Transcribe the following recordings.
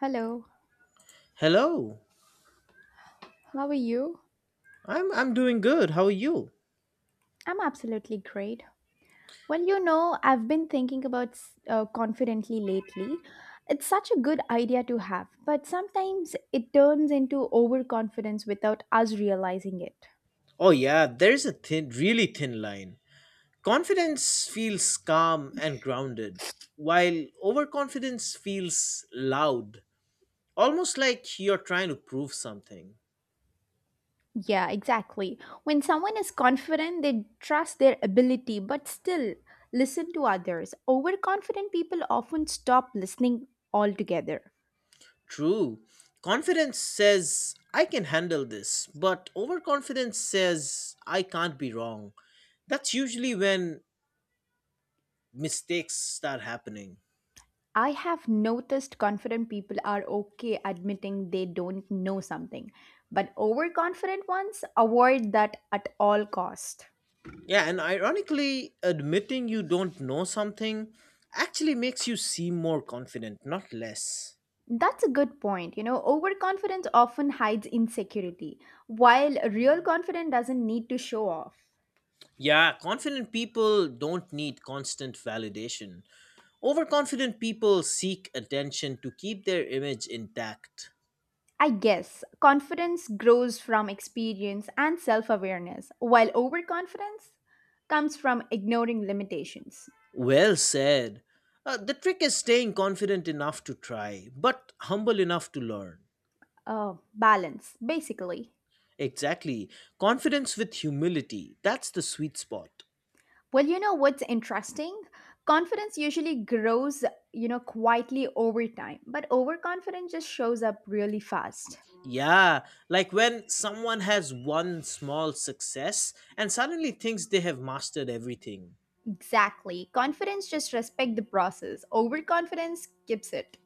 Hello, Hello. how are you? I'm doing good. How are you? I'm absolutely great. Well, you know, I've been thinking about confidently lately. It's such a good idea to have, but sometimes it turns into overconfidence without us realizing it. Oh yeah, there's a thin really thin line. Confidence feels calm and grounded, while overconfidence feels loud, almost like you're trying to prove something. Yeah, exactly. When someone is confident, they trust their ability, but still listen to others. Overconfident people often stop listening altogether. True. Confidence says I can handle this, but overconfidence says I can't be wrong. That's usually when mistakes start happening. I have noticed confident people are okay admitting they don't know something, but overconfident ones avoid that at all cost. Yeah, and ironically, admitting you don't know something actually makes you seem more confident, not less. That's a good point. You know, overconfidence often hides insecurity, while real confidence doesn't need to show off. Yeah, confident people don't need constant validation. Overconfident people seek attention to keep their image intact. I guess confidence grows from experience and self awareness, while overconfidence comes from ignoring limitations. Well said. The trick is staying confident enough to try, but humble enough to learn. Balance, basically. Exactly. Confidence with humility. That's the sweet spot. Well, you know what's interesting? Confidence usually grows, you know, quietly over time, but overconfidence just shows up really fast. Yeah, like when someone has one small success and suddenly thinks they have mastered everything. Exactly. Confidence just respect the process. Overconfidence skips it.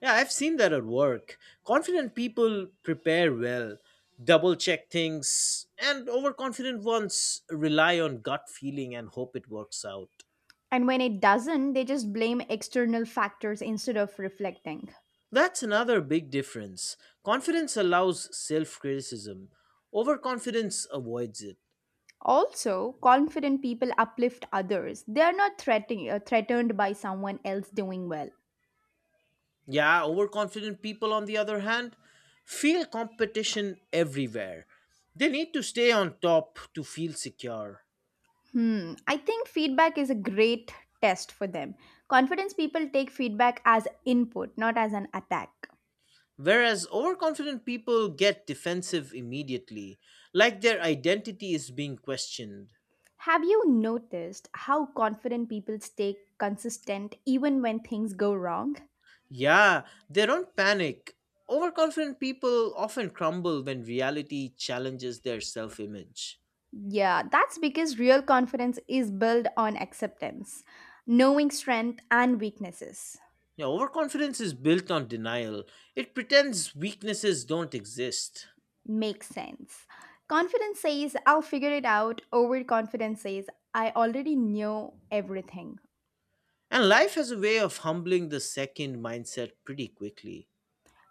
Yeah, I've seen that at work. Confident people prepare well, double check things, and overconfident ones rely on gut feeling and hope it works out. And when it doesn't, they just blame external factors instead of reflecting. That's another big difference. Confidence allows self criticism, overconfidence avoids it. Also, confident people uplift others. They are not threatened by someone else doing well. Yeah, overconfident people, on the other hand, feel competition everywhere. They need to stay on top to feel secure. Hmm, I think feedback is a great test for them. Confidence people take feedback as input, not as an attack. Whereas overconfident people get defensive immediately, like their identity is being questioned. Have you noticed how confident people stay consistent even when things go wrong? Yeah, they don't panic. Overconfident people often crumble when reality challenges their self image. Yeah, that's because real confidence is built on acceptance, knowing strength and weaknesses. Now, overconfidence is built on denial, it pretends weaknesses don't exist. Makes sense. Confidence says, I'll figure it out. Overconfidence says, I already know everything. And life has a way of humbling the second mindset pretty quickly.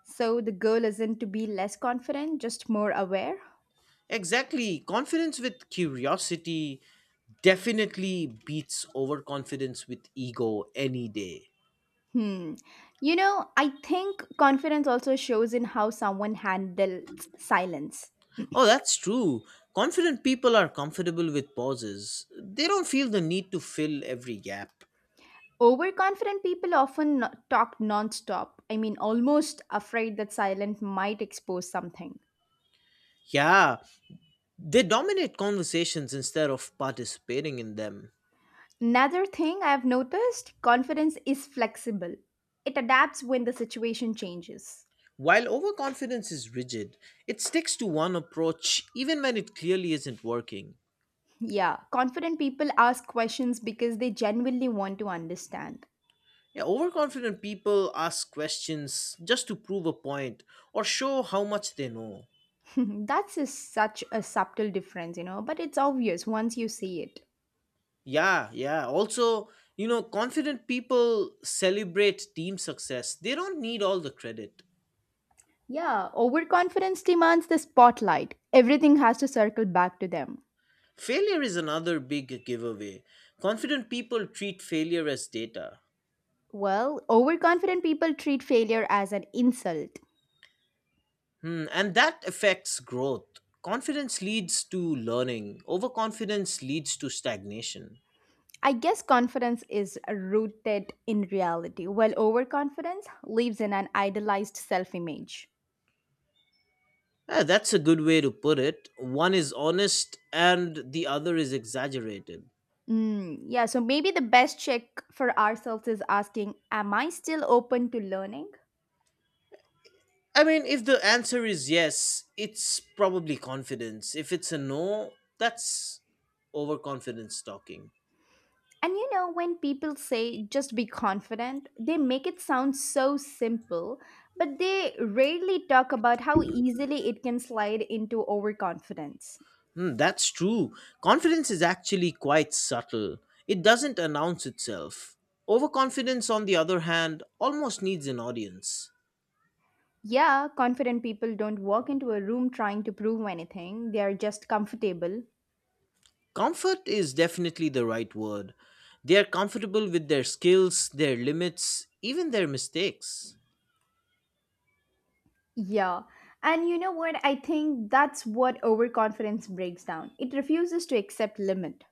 So the goal isn't to be less confident, just more aware? Exactly, confidence with curiosity definitely beats overconfidence with ego any day. Hmm. You know, I think confidence also shows in how someone handles silence. Oh, that's true. Confident people are comfortable with pauses, they don't feel the need to fill every gap. Overconfident people often talk nonstop. I mean, almost afraid that silence might expose something. Yeah, they dominate conversations instead of participating in them. Another thing I've noticed confidence is flexible, it adapts when the situation changes. While overconfidence is rigid, it sticks to one approach even when it clearly isn't working. Yeah, confident people ask questions because they genuinely want to understand. Yeah, overconfident people ask questions just to prove a point or show how much they know. Such a subtle difference, you know, but it's obvious once you see it. Yeah, yeah. Also, you know, confident people celebrate team success, they don't need all the credit. Yeah, overconfidence demands the spotlight. Everything has to circle back to them. Failure is another big giveaway. Confident people treat failure as data. Well, overconfident people treat failure as an insult. Hmm, and that affects growth. Confidence leads to learning, overconfidence leads to stagnation. I guess confidence is rooted in reality, while overconfidence lives in an idealized self image. Ah, that's a good way to put it. One is honest and the other is exaggerated. Mm, yeah, so maybe the best check for ourselves is asking, am I still open to learning? I mean, if the answer is yes, it's probably confidence. If it's a no, that's overconfidence talking. And you know, when people say just be confident, they make it sound so simple, but they rarely talk about how easily it can slide into overconfidence. Hmm, that's true. Confidence is actually quite subtle, it doesn't announce itself. Overconfidence, on the other hand, almost needs an audience. Yeah, confident people don't walk into a room trying to prove anything, they are just comfortable. Comfort is definitely the right word. They are comfortable with their skills, their limits, even their mistakes. Yeah. And you know what? I think that's what overconfidence breaks down. It refuses to accept limit.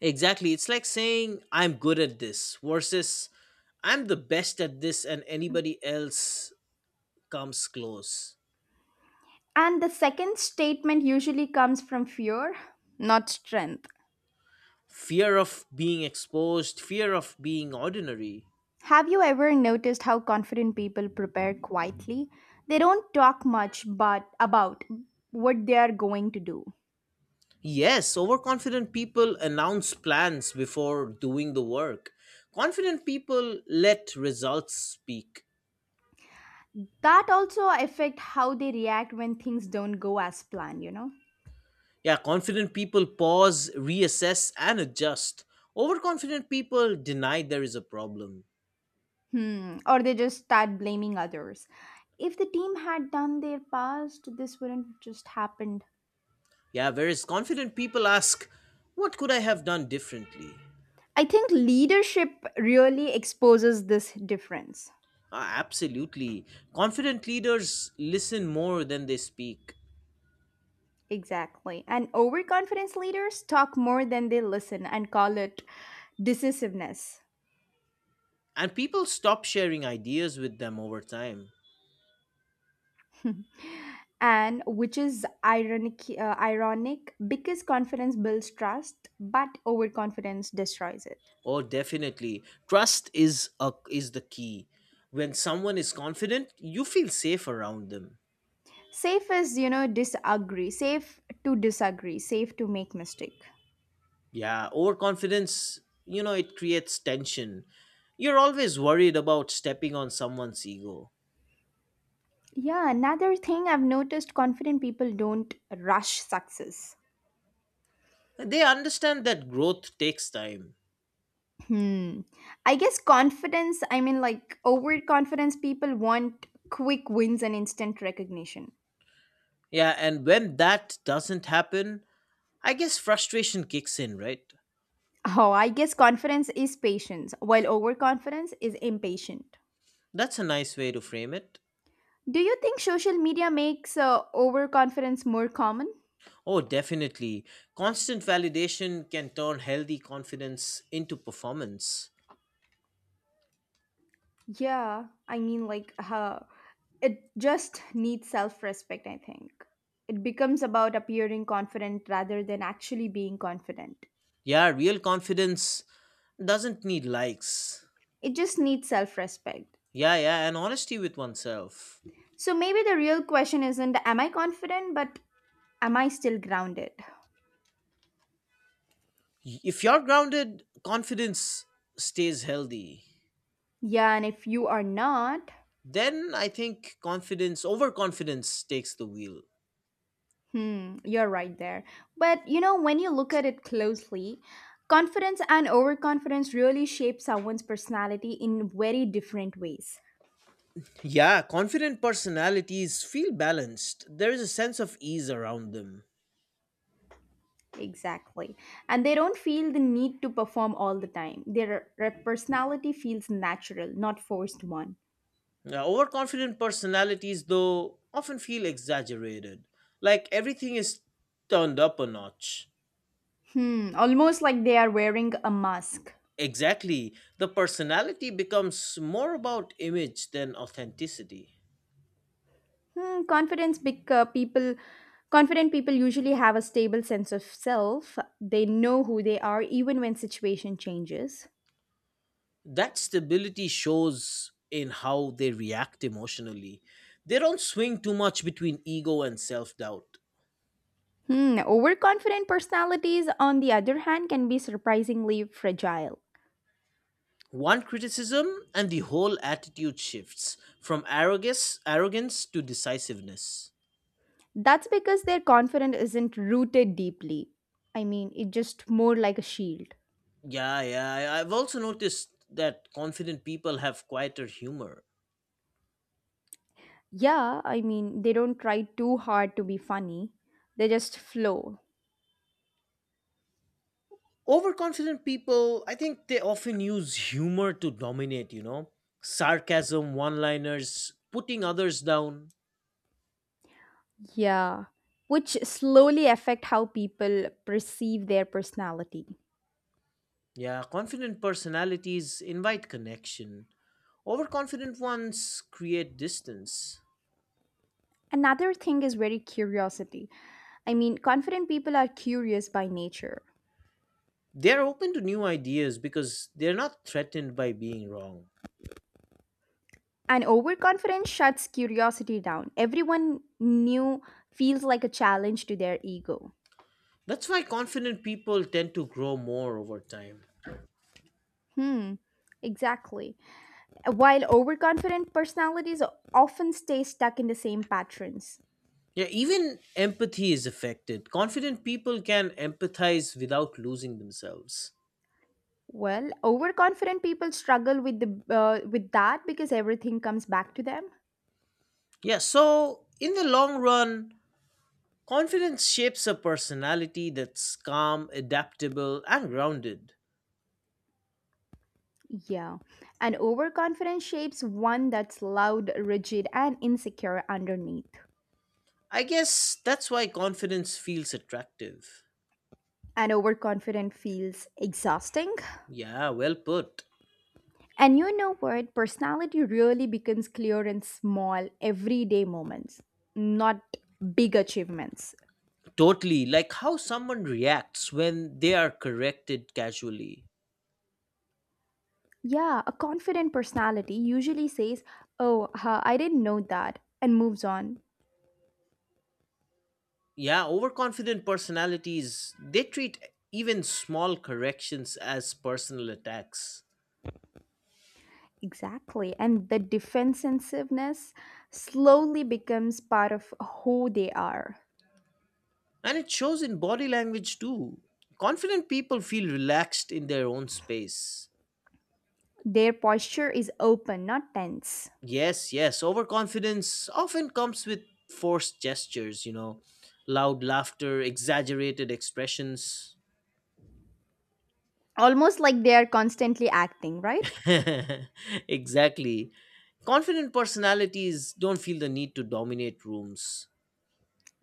Exactly. It's like saying, I'm good at this versus I'm the best at this and anybody else comes close. And the second statement usually comes from fear, not strength. Fear of being exposed, fear of being ordinary. Have you ever noticed how confident people prepare quietly? They don't talk much but about what they are going to do. Yes, overconfident people announce plans before doing the work. Confident people let results speak. That also affect how they react when things don't go as planned, you know? Yeah, confident people pause, reassess, and adjust. Overconfident people deny there is a problem. Hmm, or they just start blaming others. If the team had done their past, this wouldn't just happened. Yeah, whereas confident people ask, what could I have done differently? I think leadership really exposes this difference. Ah, absolutely. Confident leaders listen more than they speak, Exactly. And overconfidence leaders talk more than they listen and call it decisiveness. and people stop sharing ideas with them over time. And which is ironic because confidence builds trust but overconfidence destroys it. Oh, definitely. Trust is, a, is the key. When someone is confident, you feel safe around them. Safe is, you know, disagree, safe to disagree, safe to make mistake. Yeah, overconfidence, you know, it creates tension. You're always worried about stepping on someone's ego. Yeah, another thing I've noticed, confident people don't rush success. They understand that growth takes time. Hmm, I guess confidence I mean like overconfidence people want quick wins and instant recognition. Yeah, and when that doesn't happen, I guess frustration kicks in, right? Oh, I guess confidence is patience while overconfidence is impatient. That's a nice way to frame it. Do you think social media makes overconfidence more common? Oh, definitely. Constant validation can turn healthy confidence into performance. Yeah, I mean, like, uh, it just needs self respect, I think. It becomes about appearing confident rather than actually being confident. Yeah, real confidence doesn't need likes. It just needs self respect. Yeah, yeah, and honesty with oneself. So maybe the real question isn't, am I confident, but am I still grounded? If you're grounded, confidence stays healthy. Yeah, and if you are not. Then I think confidence, overconfidence takes the wheel. Hmm, you're right there. But you know, when you look at it closely, confidence and overconfidence really shape someone's personality in very different ways. Yeah, confident personalities feel balanced. There is a sense of ease around them. Exactly. And they don't feel the need to perform all the time. Their personality feels natural, not forced one. Now, overconfident personalities, though, often feel exaggerated, like everything is turned up a notch. Hmm, almost like they are wearing a mask. Exactly, the personality becomes more about image than authenticity. Hmm, confidence bec- people confident people usually have a stable sense of self. They know who they are even when situation changes. That stability shows in how they react emotionally. They don't swing too much between ego and self doubt. Hmm, overconfident personalities, on the other hand, can be surprisingly fragile. One criticism and the whole attitude shifts from arrogance to decisiveness. That's because their confidence isn't rooted deeply. I mean, it's just more like a shield. Yeah, yeah, I've also noticed that confident people have quieter humor. Yeah, I mean, they don't try too hard to be funny, they just flow. Overconfident people, I think they often use humor to dominate, you know? Sarcasm, one liners, putting others down. Yeah, which slowly affect how people perceive their personality. Yeah, confident personalities invite connection. Overconfident ones create distance. Another thing is very curiosity. I mean, confident people are curious by nature. They're open to new ideas because they're not threatened by being wrong. And overconfidence shuts curiosity down. Everyone new feels like a challenge to their ego. That's why confident people tend to grow more over time. Hmm, exactly. While overconfident personalities often stay stuck in the same patterns. Yeah, even empathy is affected. Confident people can empathize without losing themselves. Well, overconfident people struggle with the with that because everything comes back to them. Yeah, so in the long run, confidence shapes a personality that's calm, adaptable, and grounded. Yeah. And overconfidence shapes one that's loud, rigid, and insecure underneath. I guess that's why confidence feels attractive. And overconfident feels exhausting. Yeah, well put. And you know what? Personality really becomes clear in small, everyday moments, not big achievements. Totally. Like how someone reacts when they are corrected casually. Yeah, a confident personality usually says, oh, huh, I didn't know that, and moves on. Yeah, overconfident personalities, they treat even small corrections as personal attacks. Exactly. And the defensiveness slowly becomes part of who they are. And it shows in body language too. Confident people feel relaxed in their own space. Their posture is open, not tense. Yes, yes, overconfidence often comes with forced gestures, you know, loud laughter, exaggerated expressions. Almost like they are constantly acting, right? Exactly. Confident personalities don't feel the need to dominate rooms.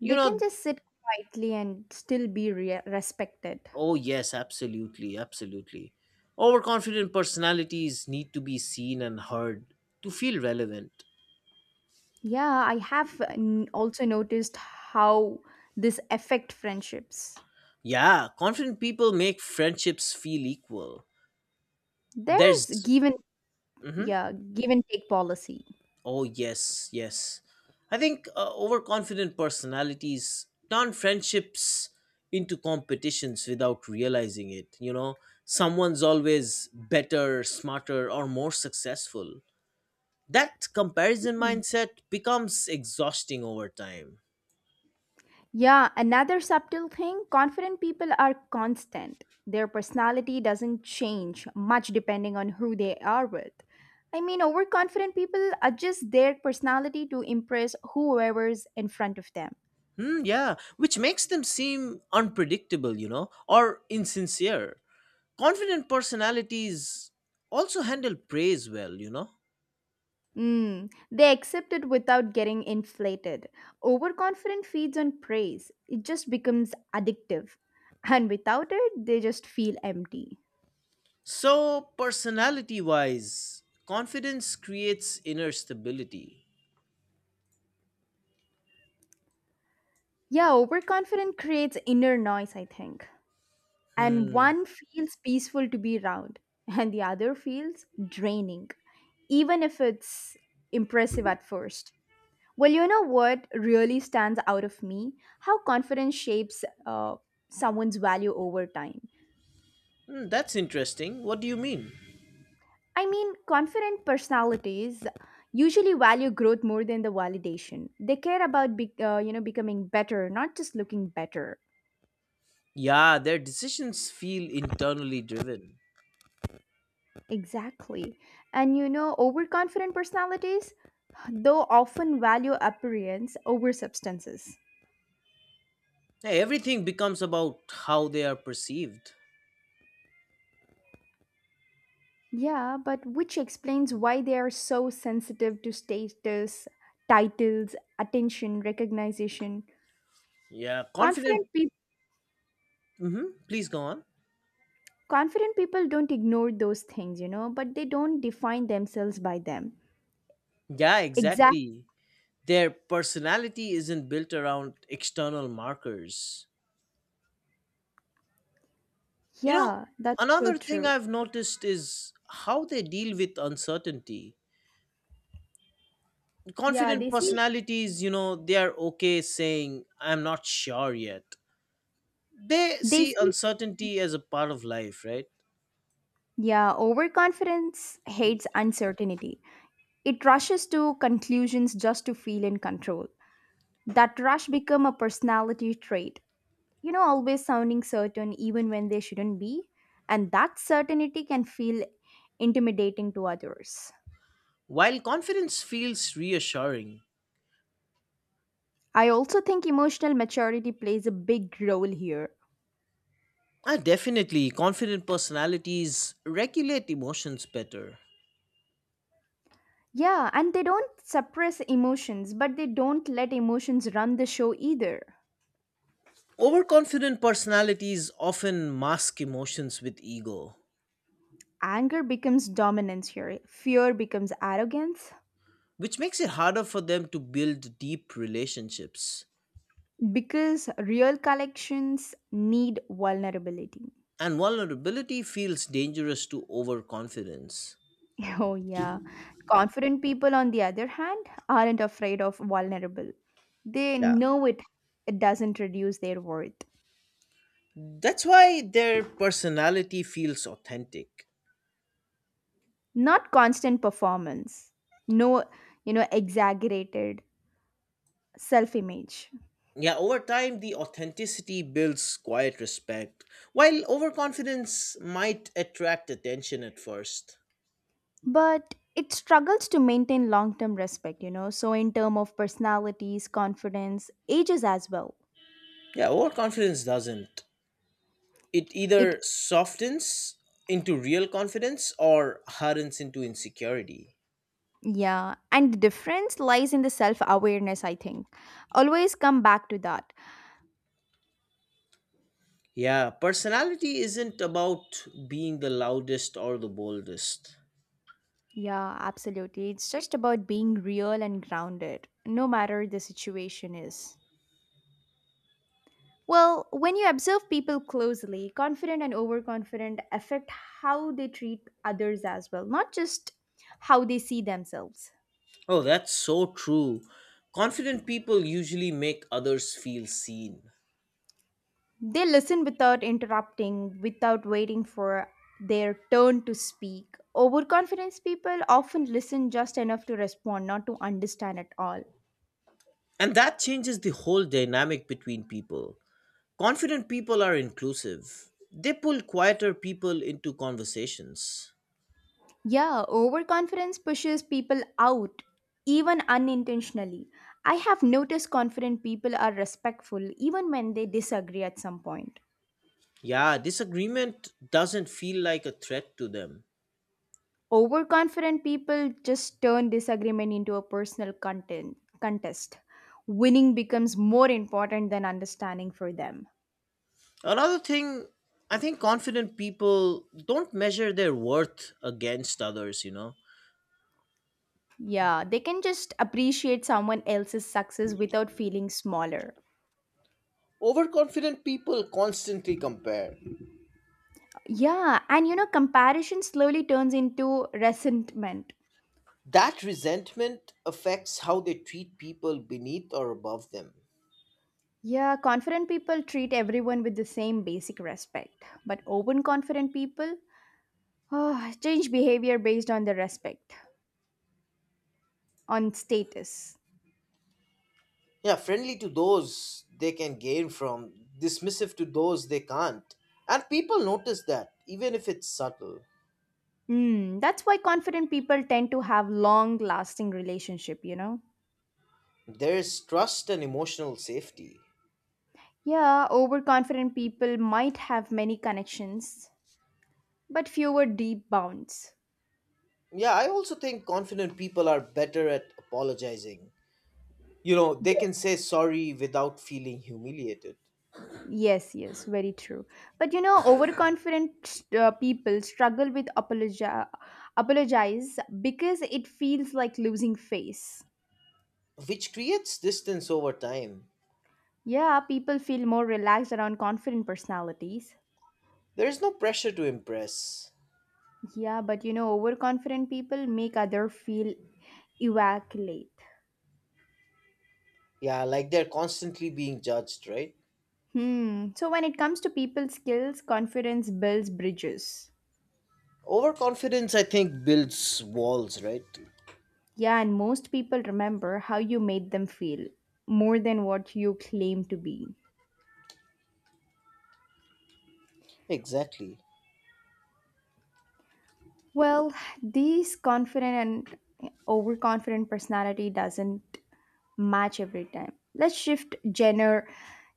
You can know, just sit quietly and still be respected. oh, yes, absolutely, absolutely. Overconfident personalities need to be seen and heard to feel relevant. Yeah, I have also noticed how this affect friendships. Yeah, confident people make friendships feel equal. There's There's. given, Mhm. yeah, give and take policy. Oh, yes, yes. I think overconfident personalities turn friendships into competitions without realizing it. You know, someone's always better, smarter, or more successful. That comparison Mm. mindset becomes exhausting over time. Yeah, another subtle thing, confident people are constant. Their personality doesn't change much depending on who they are with. I mean, overconfident people adjust their personality to impress whoever's in front of them. Hmm, yeah, which makes them seem unpredictable, you know, or insincere. Confident personalities also handle praise well, you know. Mm, they accept it without getting inflated. Overconfident feeds on praise, it just becomes addictive. And without it, they just feel empty. So, personality wise, confidence creates inner stability. Yeah, overconfident creates inner noise, I think. And Hmm. one feels peaceful to be around, and the other feels draining, even if it's impressive at first. Well, you know what really stands out of me? How confidence shapes someone's value over time. Hmm, that's interesting. What do you mean? I mean, confident personalities usually value growth more than the validation. They care about, you know, becoming better, not just looking better. Yeah, their decisions feel internally driven. Exactly. And you know, overconfident personalities, though, often value appearance over substances. Hey, everything becomes about how they are perceived. Yeah, but which explains why they are so sensitive to status, titles, attention, recognition. Yeah, confident. Confident people. Hmm, please go on. Confident people don't ignore those things, you know, but they don't define themselves by them. Yeah, Exactly. exactly. Their personality isn't built around external markers. You know, Yeah, that's so another thing true. I've noticed is how they deal with uncertainty. Yeah, Confident personalities, you know, they are okay saying I'm not sure yet. They they see see, uncertainty as a part of life, right? yeah, overconfidence hates uncertainty. It rushes to conclusions just to feel in control. That rush become a personality trait. You know, always sounding certain even when they shouldn't be, and that certainty can feel intimidating to others. While confidence feels reassuring. I also think emotional maturity plays a big role here. Definitely confident personalities regulate emotions better. Yeah, and they don't suppress emotions, but they don't let emotions run the show either. Overconfident personalities often mask emotions with ego, Anger becomes dominance here, fear becomes arrogance, which makes it harder for them to build deep relationships. because real collections need vulnerability. And vulnerability feels dangerous to overconfidence. Oh yeah, confident people on the other hand aren't afraid of vulnerable, they Yeah. know it, it doesn't reduce their worth, That's why their personality feels authentic. not constant performance, no, you know, exaggerated self image, Yeah, over time, the authenticity builds quiet respect, while overconfidence might attract attention at first. but it struggles to maintain long term respect, you know, so in terms of personalities confidence ages as well. Yeah, overconfidence doesn't. It It either softens into real confidence or hardens into insecurity. yeah, and the difference lies in the self-awareness, I think. Always come back to that. Yeah, personality isn't about being the loudest or the boldest. Yeah, absolutely. It's just about being real and grounded, no matter the situation is. Well, when you observe people closely, confident and overconfident affect how they treat others as well, not just how they see themselves. Oh, that's so true. Confident people usually make others feel seen. They listen without interrupting, without waiting for their turn to speak. Overconfidence people often listen just enough to respond, not to understand at all. And that changes the whole dynamic between people. Confident people are inclusive, they pull quieter people into conversations. Yeah, overconfidence pushes people out, even unintentionally. I have noticed confident people are respectful even when they disagree at some point. Yeah, disagreement doesn't feel like a threat to them. Overconfident people just turn disagreement into a contest. Winning becomes more important than understanding for them. Another thing, I think confident people don't measure their worth against others, you know. Yeah, they can just appreciate someone else's success without feeling smaller. Overconfident people constantly compare. Yeah, and you know, comparison slowly turns into resentment. That resentment affects how they treat people beneath or above them. Yeah, confident people treat everyone with the same basic respect, but open confident people oh, change behavior based on on status. Yeah, friendly to those they can gain from, dismissive to those they can't. And people notice that, even if it's subtle. Mm, that's why confident people tend to have long lasting relationship, you know. There is trust and emotional safety. Yeah, overconfident people might have many connections, but fewer deep bonds. Yeah, I also think confident people are better at apologizing. You know, they can Yes, say sorry without feeling humiliated, yes, yes, very true. But you know, overconfident people struggle with apologize because it feels like losing face. which creates distance over time. Yeah, people feel more relaxed around confident personalities. There is no pressure to impress. Yeah, but you know, overconfident people make other feel evacuate. Yeah, like they're constantly being judged, right? Hmm. So when it comes to people skills, confidence builds bridges. Overconfidence, I think, builds walls, right? Yeah, and most people remember how you made them feel more than what you claim to be. Exactly. Well, these confident and overconfident personality doesn't match every time. Let's shift gender,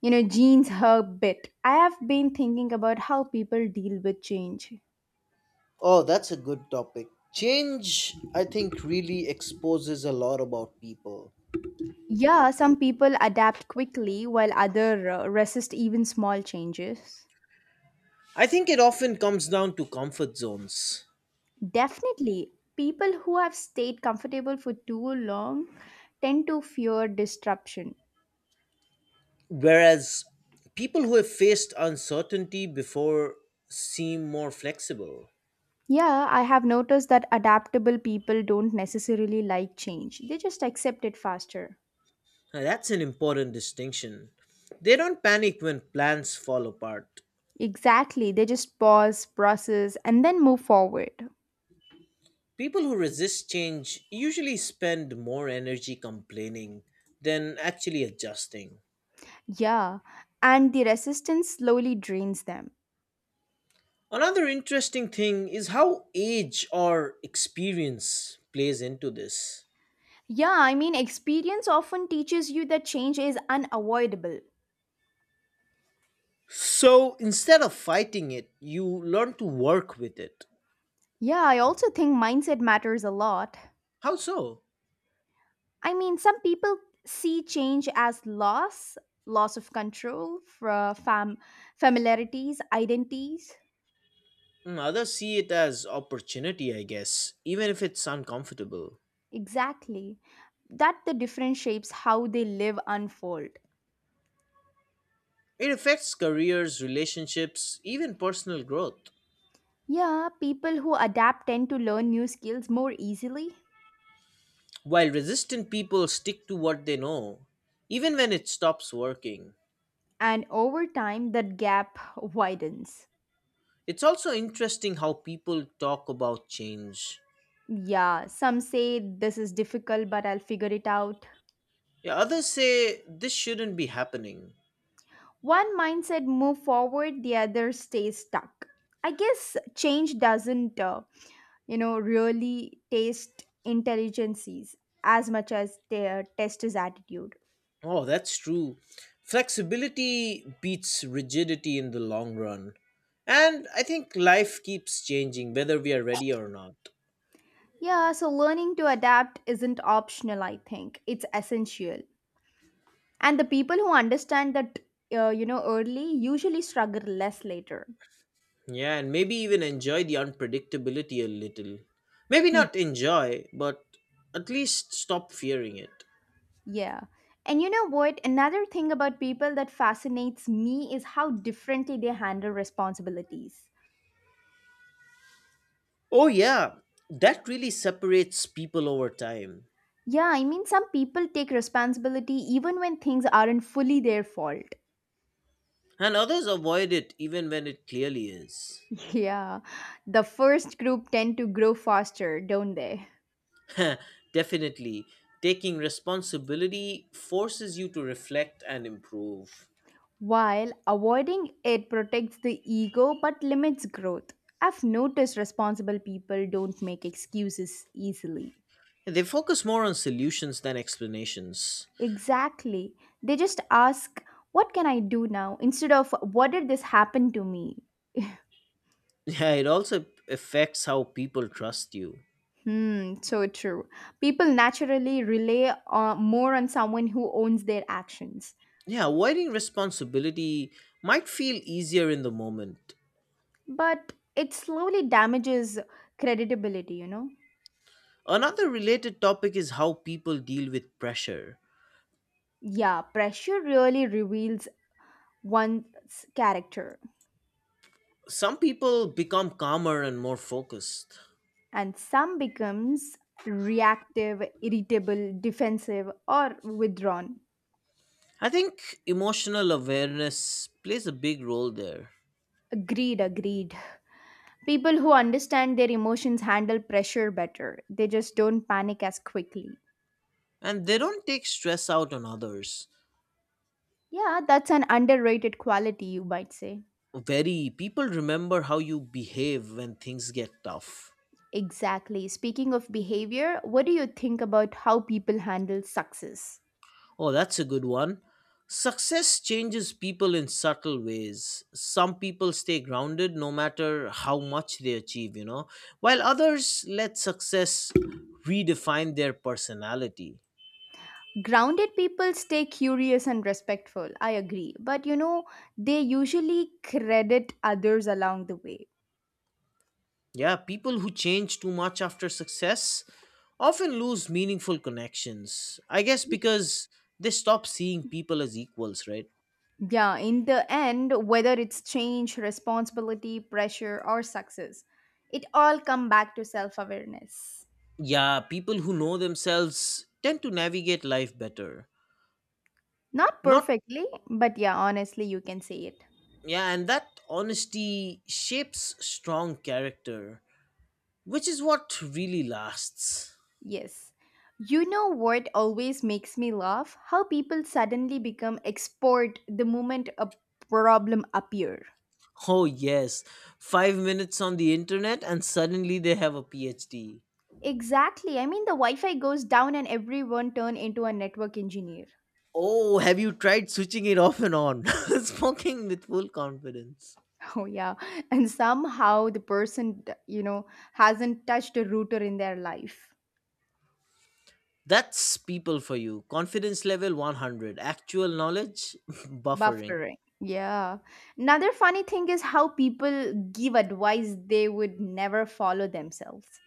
you know, genes a bit. I have been thinking about how people deal with change. Oh, that's a good topic. Change, I think, really exposes a lot about people. Yeah, some people adapt quickly while other resist even small changes. I think it often comes down to comfort zones. Definitely, people who have stayed comfortable for too long tend to fear disruption. Whereas people who have faced uncertainty before seem more flexible. Yeah, I have noticed that adaptable people don't necessarily like change. They just accept it faster. Now, that's an important distinction. They don't panic when plans fall apart. Exactly. They just pause, process, and then move forward. People who resist change usually spend more energy complaining than actually adjusting. Yeah, and the resistance slowly drains them. Another interesting thing is how age or experience plays into this. Yeah, I mean, experience often teaches you that change is unavoidable. So instead of fighting it, you learn to work with it. Yeah, I also think mindset matters a lot. How so? I mean, some people see change as loss, loss of control, familiarities, identities. Mm, others see it as opportunity, I guess, even if it's uncomfortable. Exactly. That the different shapes how they live unfold. It affects careers, relationships, even personal growth. Yeah, people who adapt tend to learn new skills more easily, While resistant people stick to what they know, even when it stops working. and over time that gap widens. It's also interesting how people talk about change. Yeah, some say this is difficult but I'll figure it out. Yeah, others say this shouldn't be happening. One mindset move forward, the other stays stuck. I guess change doesn't you know really taste intelligences as much as their test is attitude. Oh, that's true. Flexibility beats rigidity in the long run. And I think life keeps changing whether we are ready or not. Yeah, so learning to adapt isn't optional, I think. It's essential. And the people who understand that, you know, early usually struggle less later. Yeah, and maybe even enjoy the unpredictability a little. Maybe not enjoy, but at least stop fearing it. yeah. And you know what? Another thing about people that fascinates me is how differently they handle responsibilities. Oh, yeah, that really separates people over time. Yeah, I mean, some people take responsibility even when things aren't fully their fault. And others avoid it even when it clearly is. Yeah, the first group tend to grow faster, don't they? Definitely, taking responsibility forces you to reflect and improve. While avoiding it protects the ego but limits growth. I've noticed responsible people don't make excuses easily. They focus more on solutions than explanations. Exactly. They just ask, What can I do now? Instead of, What did this happen to me? Yeah, it also affects how people trust you. Hmm, so true. People naturally rely more on someone who owns their actions. Yeah, avoiding responsibility might feel easier in the moment. But it slowly damages credibility, you know? Another related topic is how people deal with pressure. Yeah, pressure really reveals one's character. Some people become calmer and more focused. And some becomes reactive irritable defensive or withdrawn. I think emotional awareness plays a big role there. Agreed. People who understand their emotions handle pressure better. They just don't panic as quickly. And they don't take stress out on others. Yeah, that's an underrated quality, you might say. Very people remember how you behave when things get tough. Exactly. Speaking of behavior, what do you think about how people handle success? Oh, that's a good one. Success changes people in subtle ways. Some people stay grounded no matter how much they achieve, you know, while others let success redefine their personality. Grounded people stay curious and respectful, I agree, but you know, they usually credit others along the way. Yeah, people who change too much after success often lose meaningful connections. I guess because they stop seeing people as equals, right? Yeah, in the end, whether it's change, responsibility, pressure, or success, it all come back to self awareness. Yeah, people who know themselves tend to navigate life better. Not Not. perfectly, but yeah, honestly, you can say it. Yeah, and that honesty shapes strong character, which is what really lasts. Yes. You know what always makes me laugh? How people suddenly become expert the moment a problem appear. Oh yes, 5 minutes on the internet and suddenly they have a PhD. Exactly. I mean, the Wi-Fi goes down and everyone turn into a network engineer. Oh, have you tried switching it off and on? Smoking with full confidence. Oh yeah, and somehow the person, you know, hasn't touched a router in their life. That's people for you, confidence level 100, actual knowledge. Buffering. Buffering. Yeah. Another funny thing is how people give advice they would never follow themselves.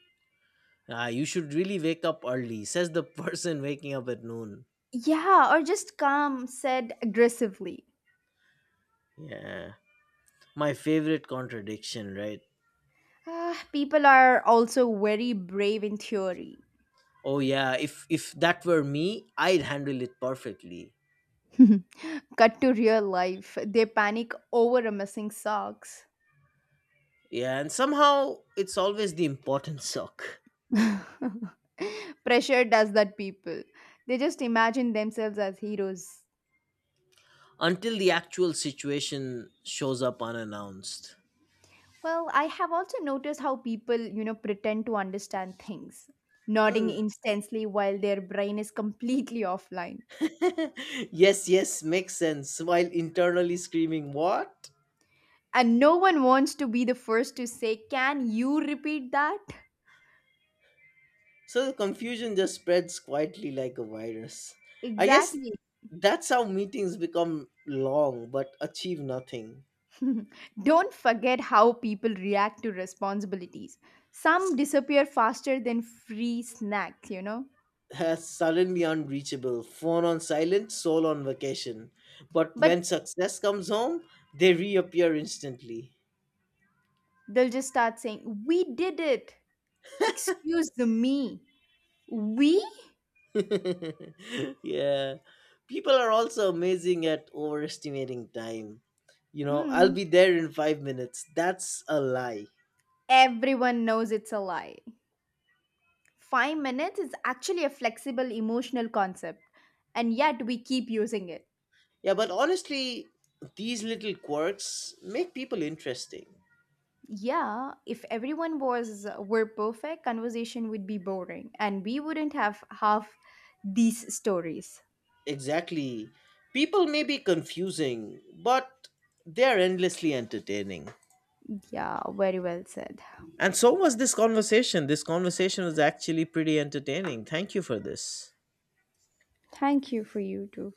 Ah, you should really wake up early, says the person waking up at noon. Yeah, or just calm, said aggressively. Yeah. My favorite contradiction, right? Ah, people are also very brave in theory. Oh yeah, if that were me, I'd handle it perfectly. Cut to real life, they panic over a missing socks. Yeah, and somehow it's always the important sock. Pressure does that people. They just imagine themselves as heroes. Until the actual situation shows up unannounced. Well, I have also noticed how people, you know, pretend to understand things, nodding Hmm. instantly while their brain is completely offline. Yes, yes, makes sense. While internally screaming, what? And no one wants to be the first to say, Can you repeat that? So the confusion just spreads quietly like a virus. I guess Exactly. that's how meetings become long but achieve nothing. Don't forget how people react to responsibilities. Some S- disappear faster than free snacks, you know? Has suddenly unreachable, phone on silent, soul on vacation. But But when success comes home, they reappear instantly. they'll just start saying, We did it. Excuse the me. We? Yeah. People are also amazing at overestimating time. You know, I'll Hmm. be there in 5 minutes. That's a lie. Everyone knows it's a lie. 5 minutes is actually a flexible emotional concept, and yet we keep using it. Yeah, but honestly, these little quirks make people interesting. Yeah, if everyone was were perfect, conversation would be boring, and we wouldn't have half these stories. Exactly. People may be confusing, but they're endlessly entertaining. Yeah, very well said. And so was this conversation. This conversation was actually pretty entertaining. Thank you for this. Thank you for you too.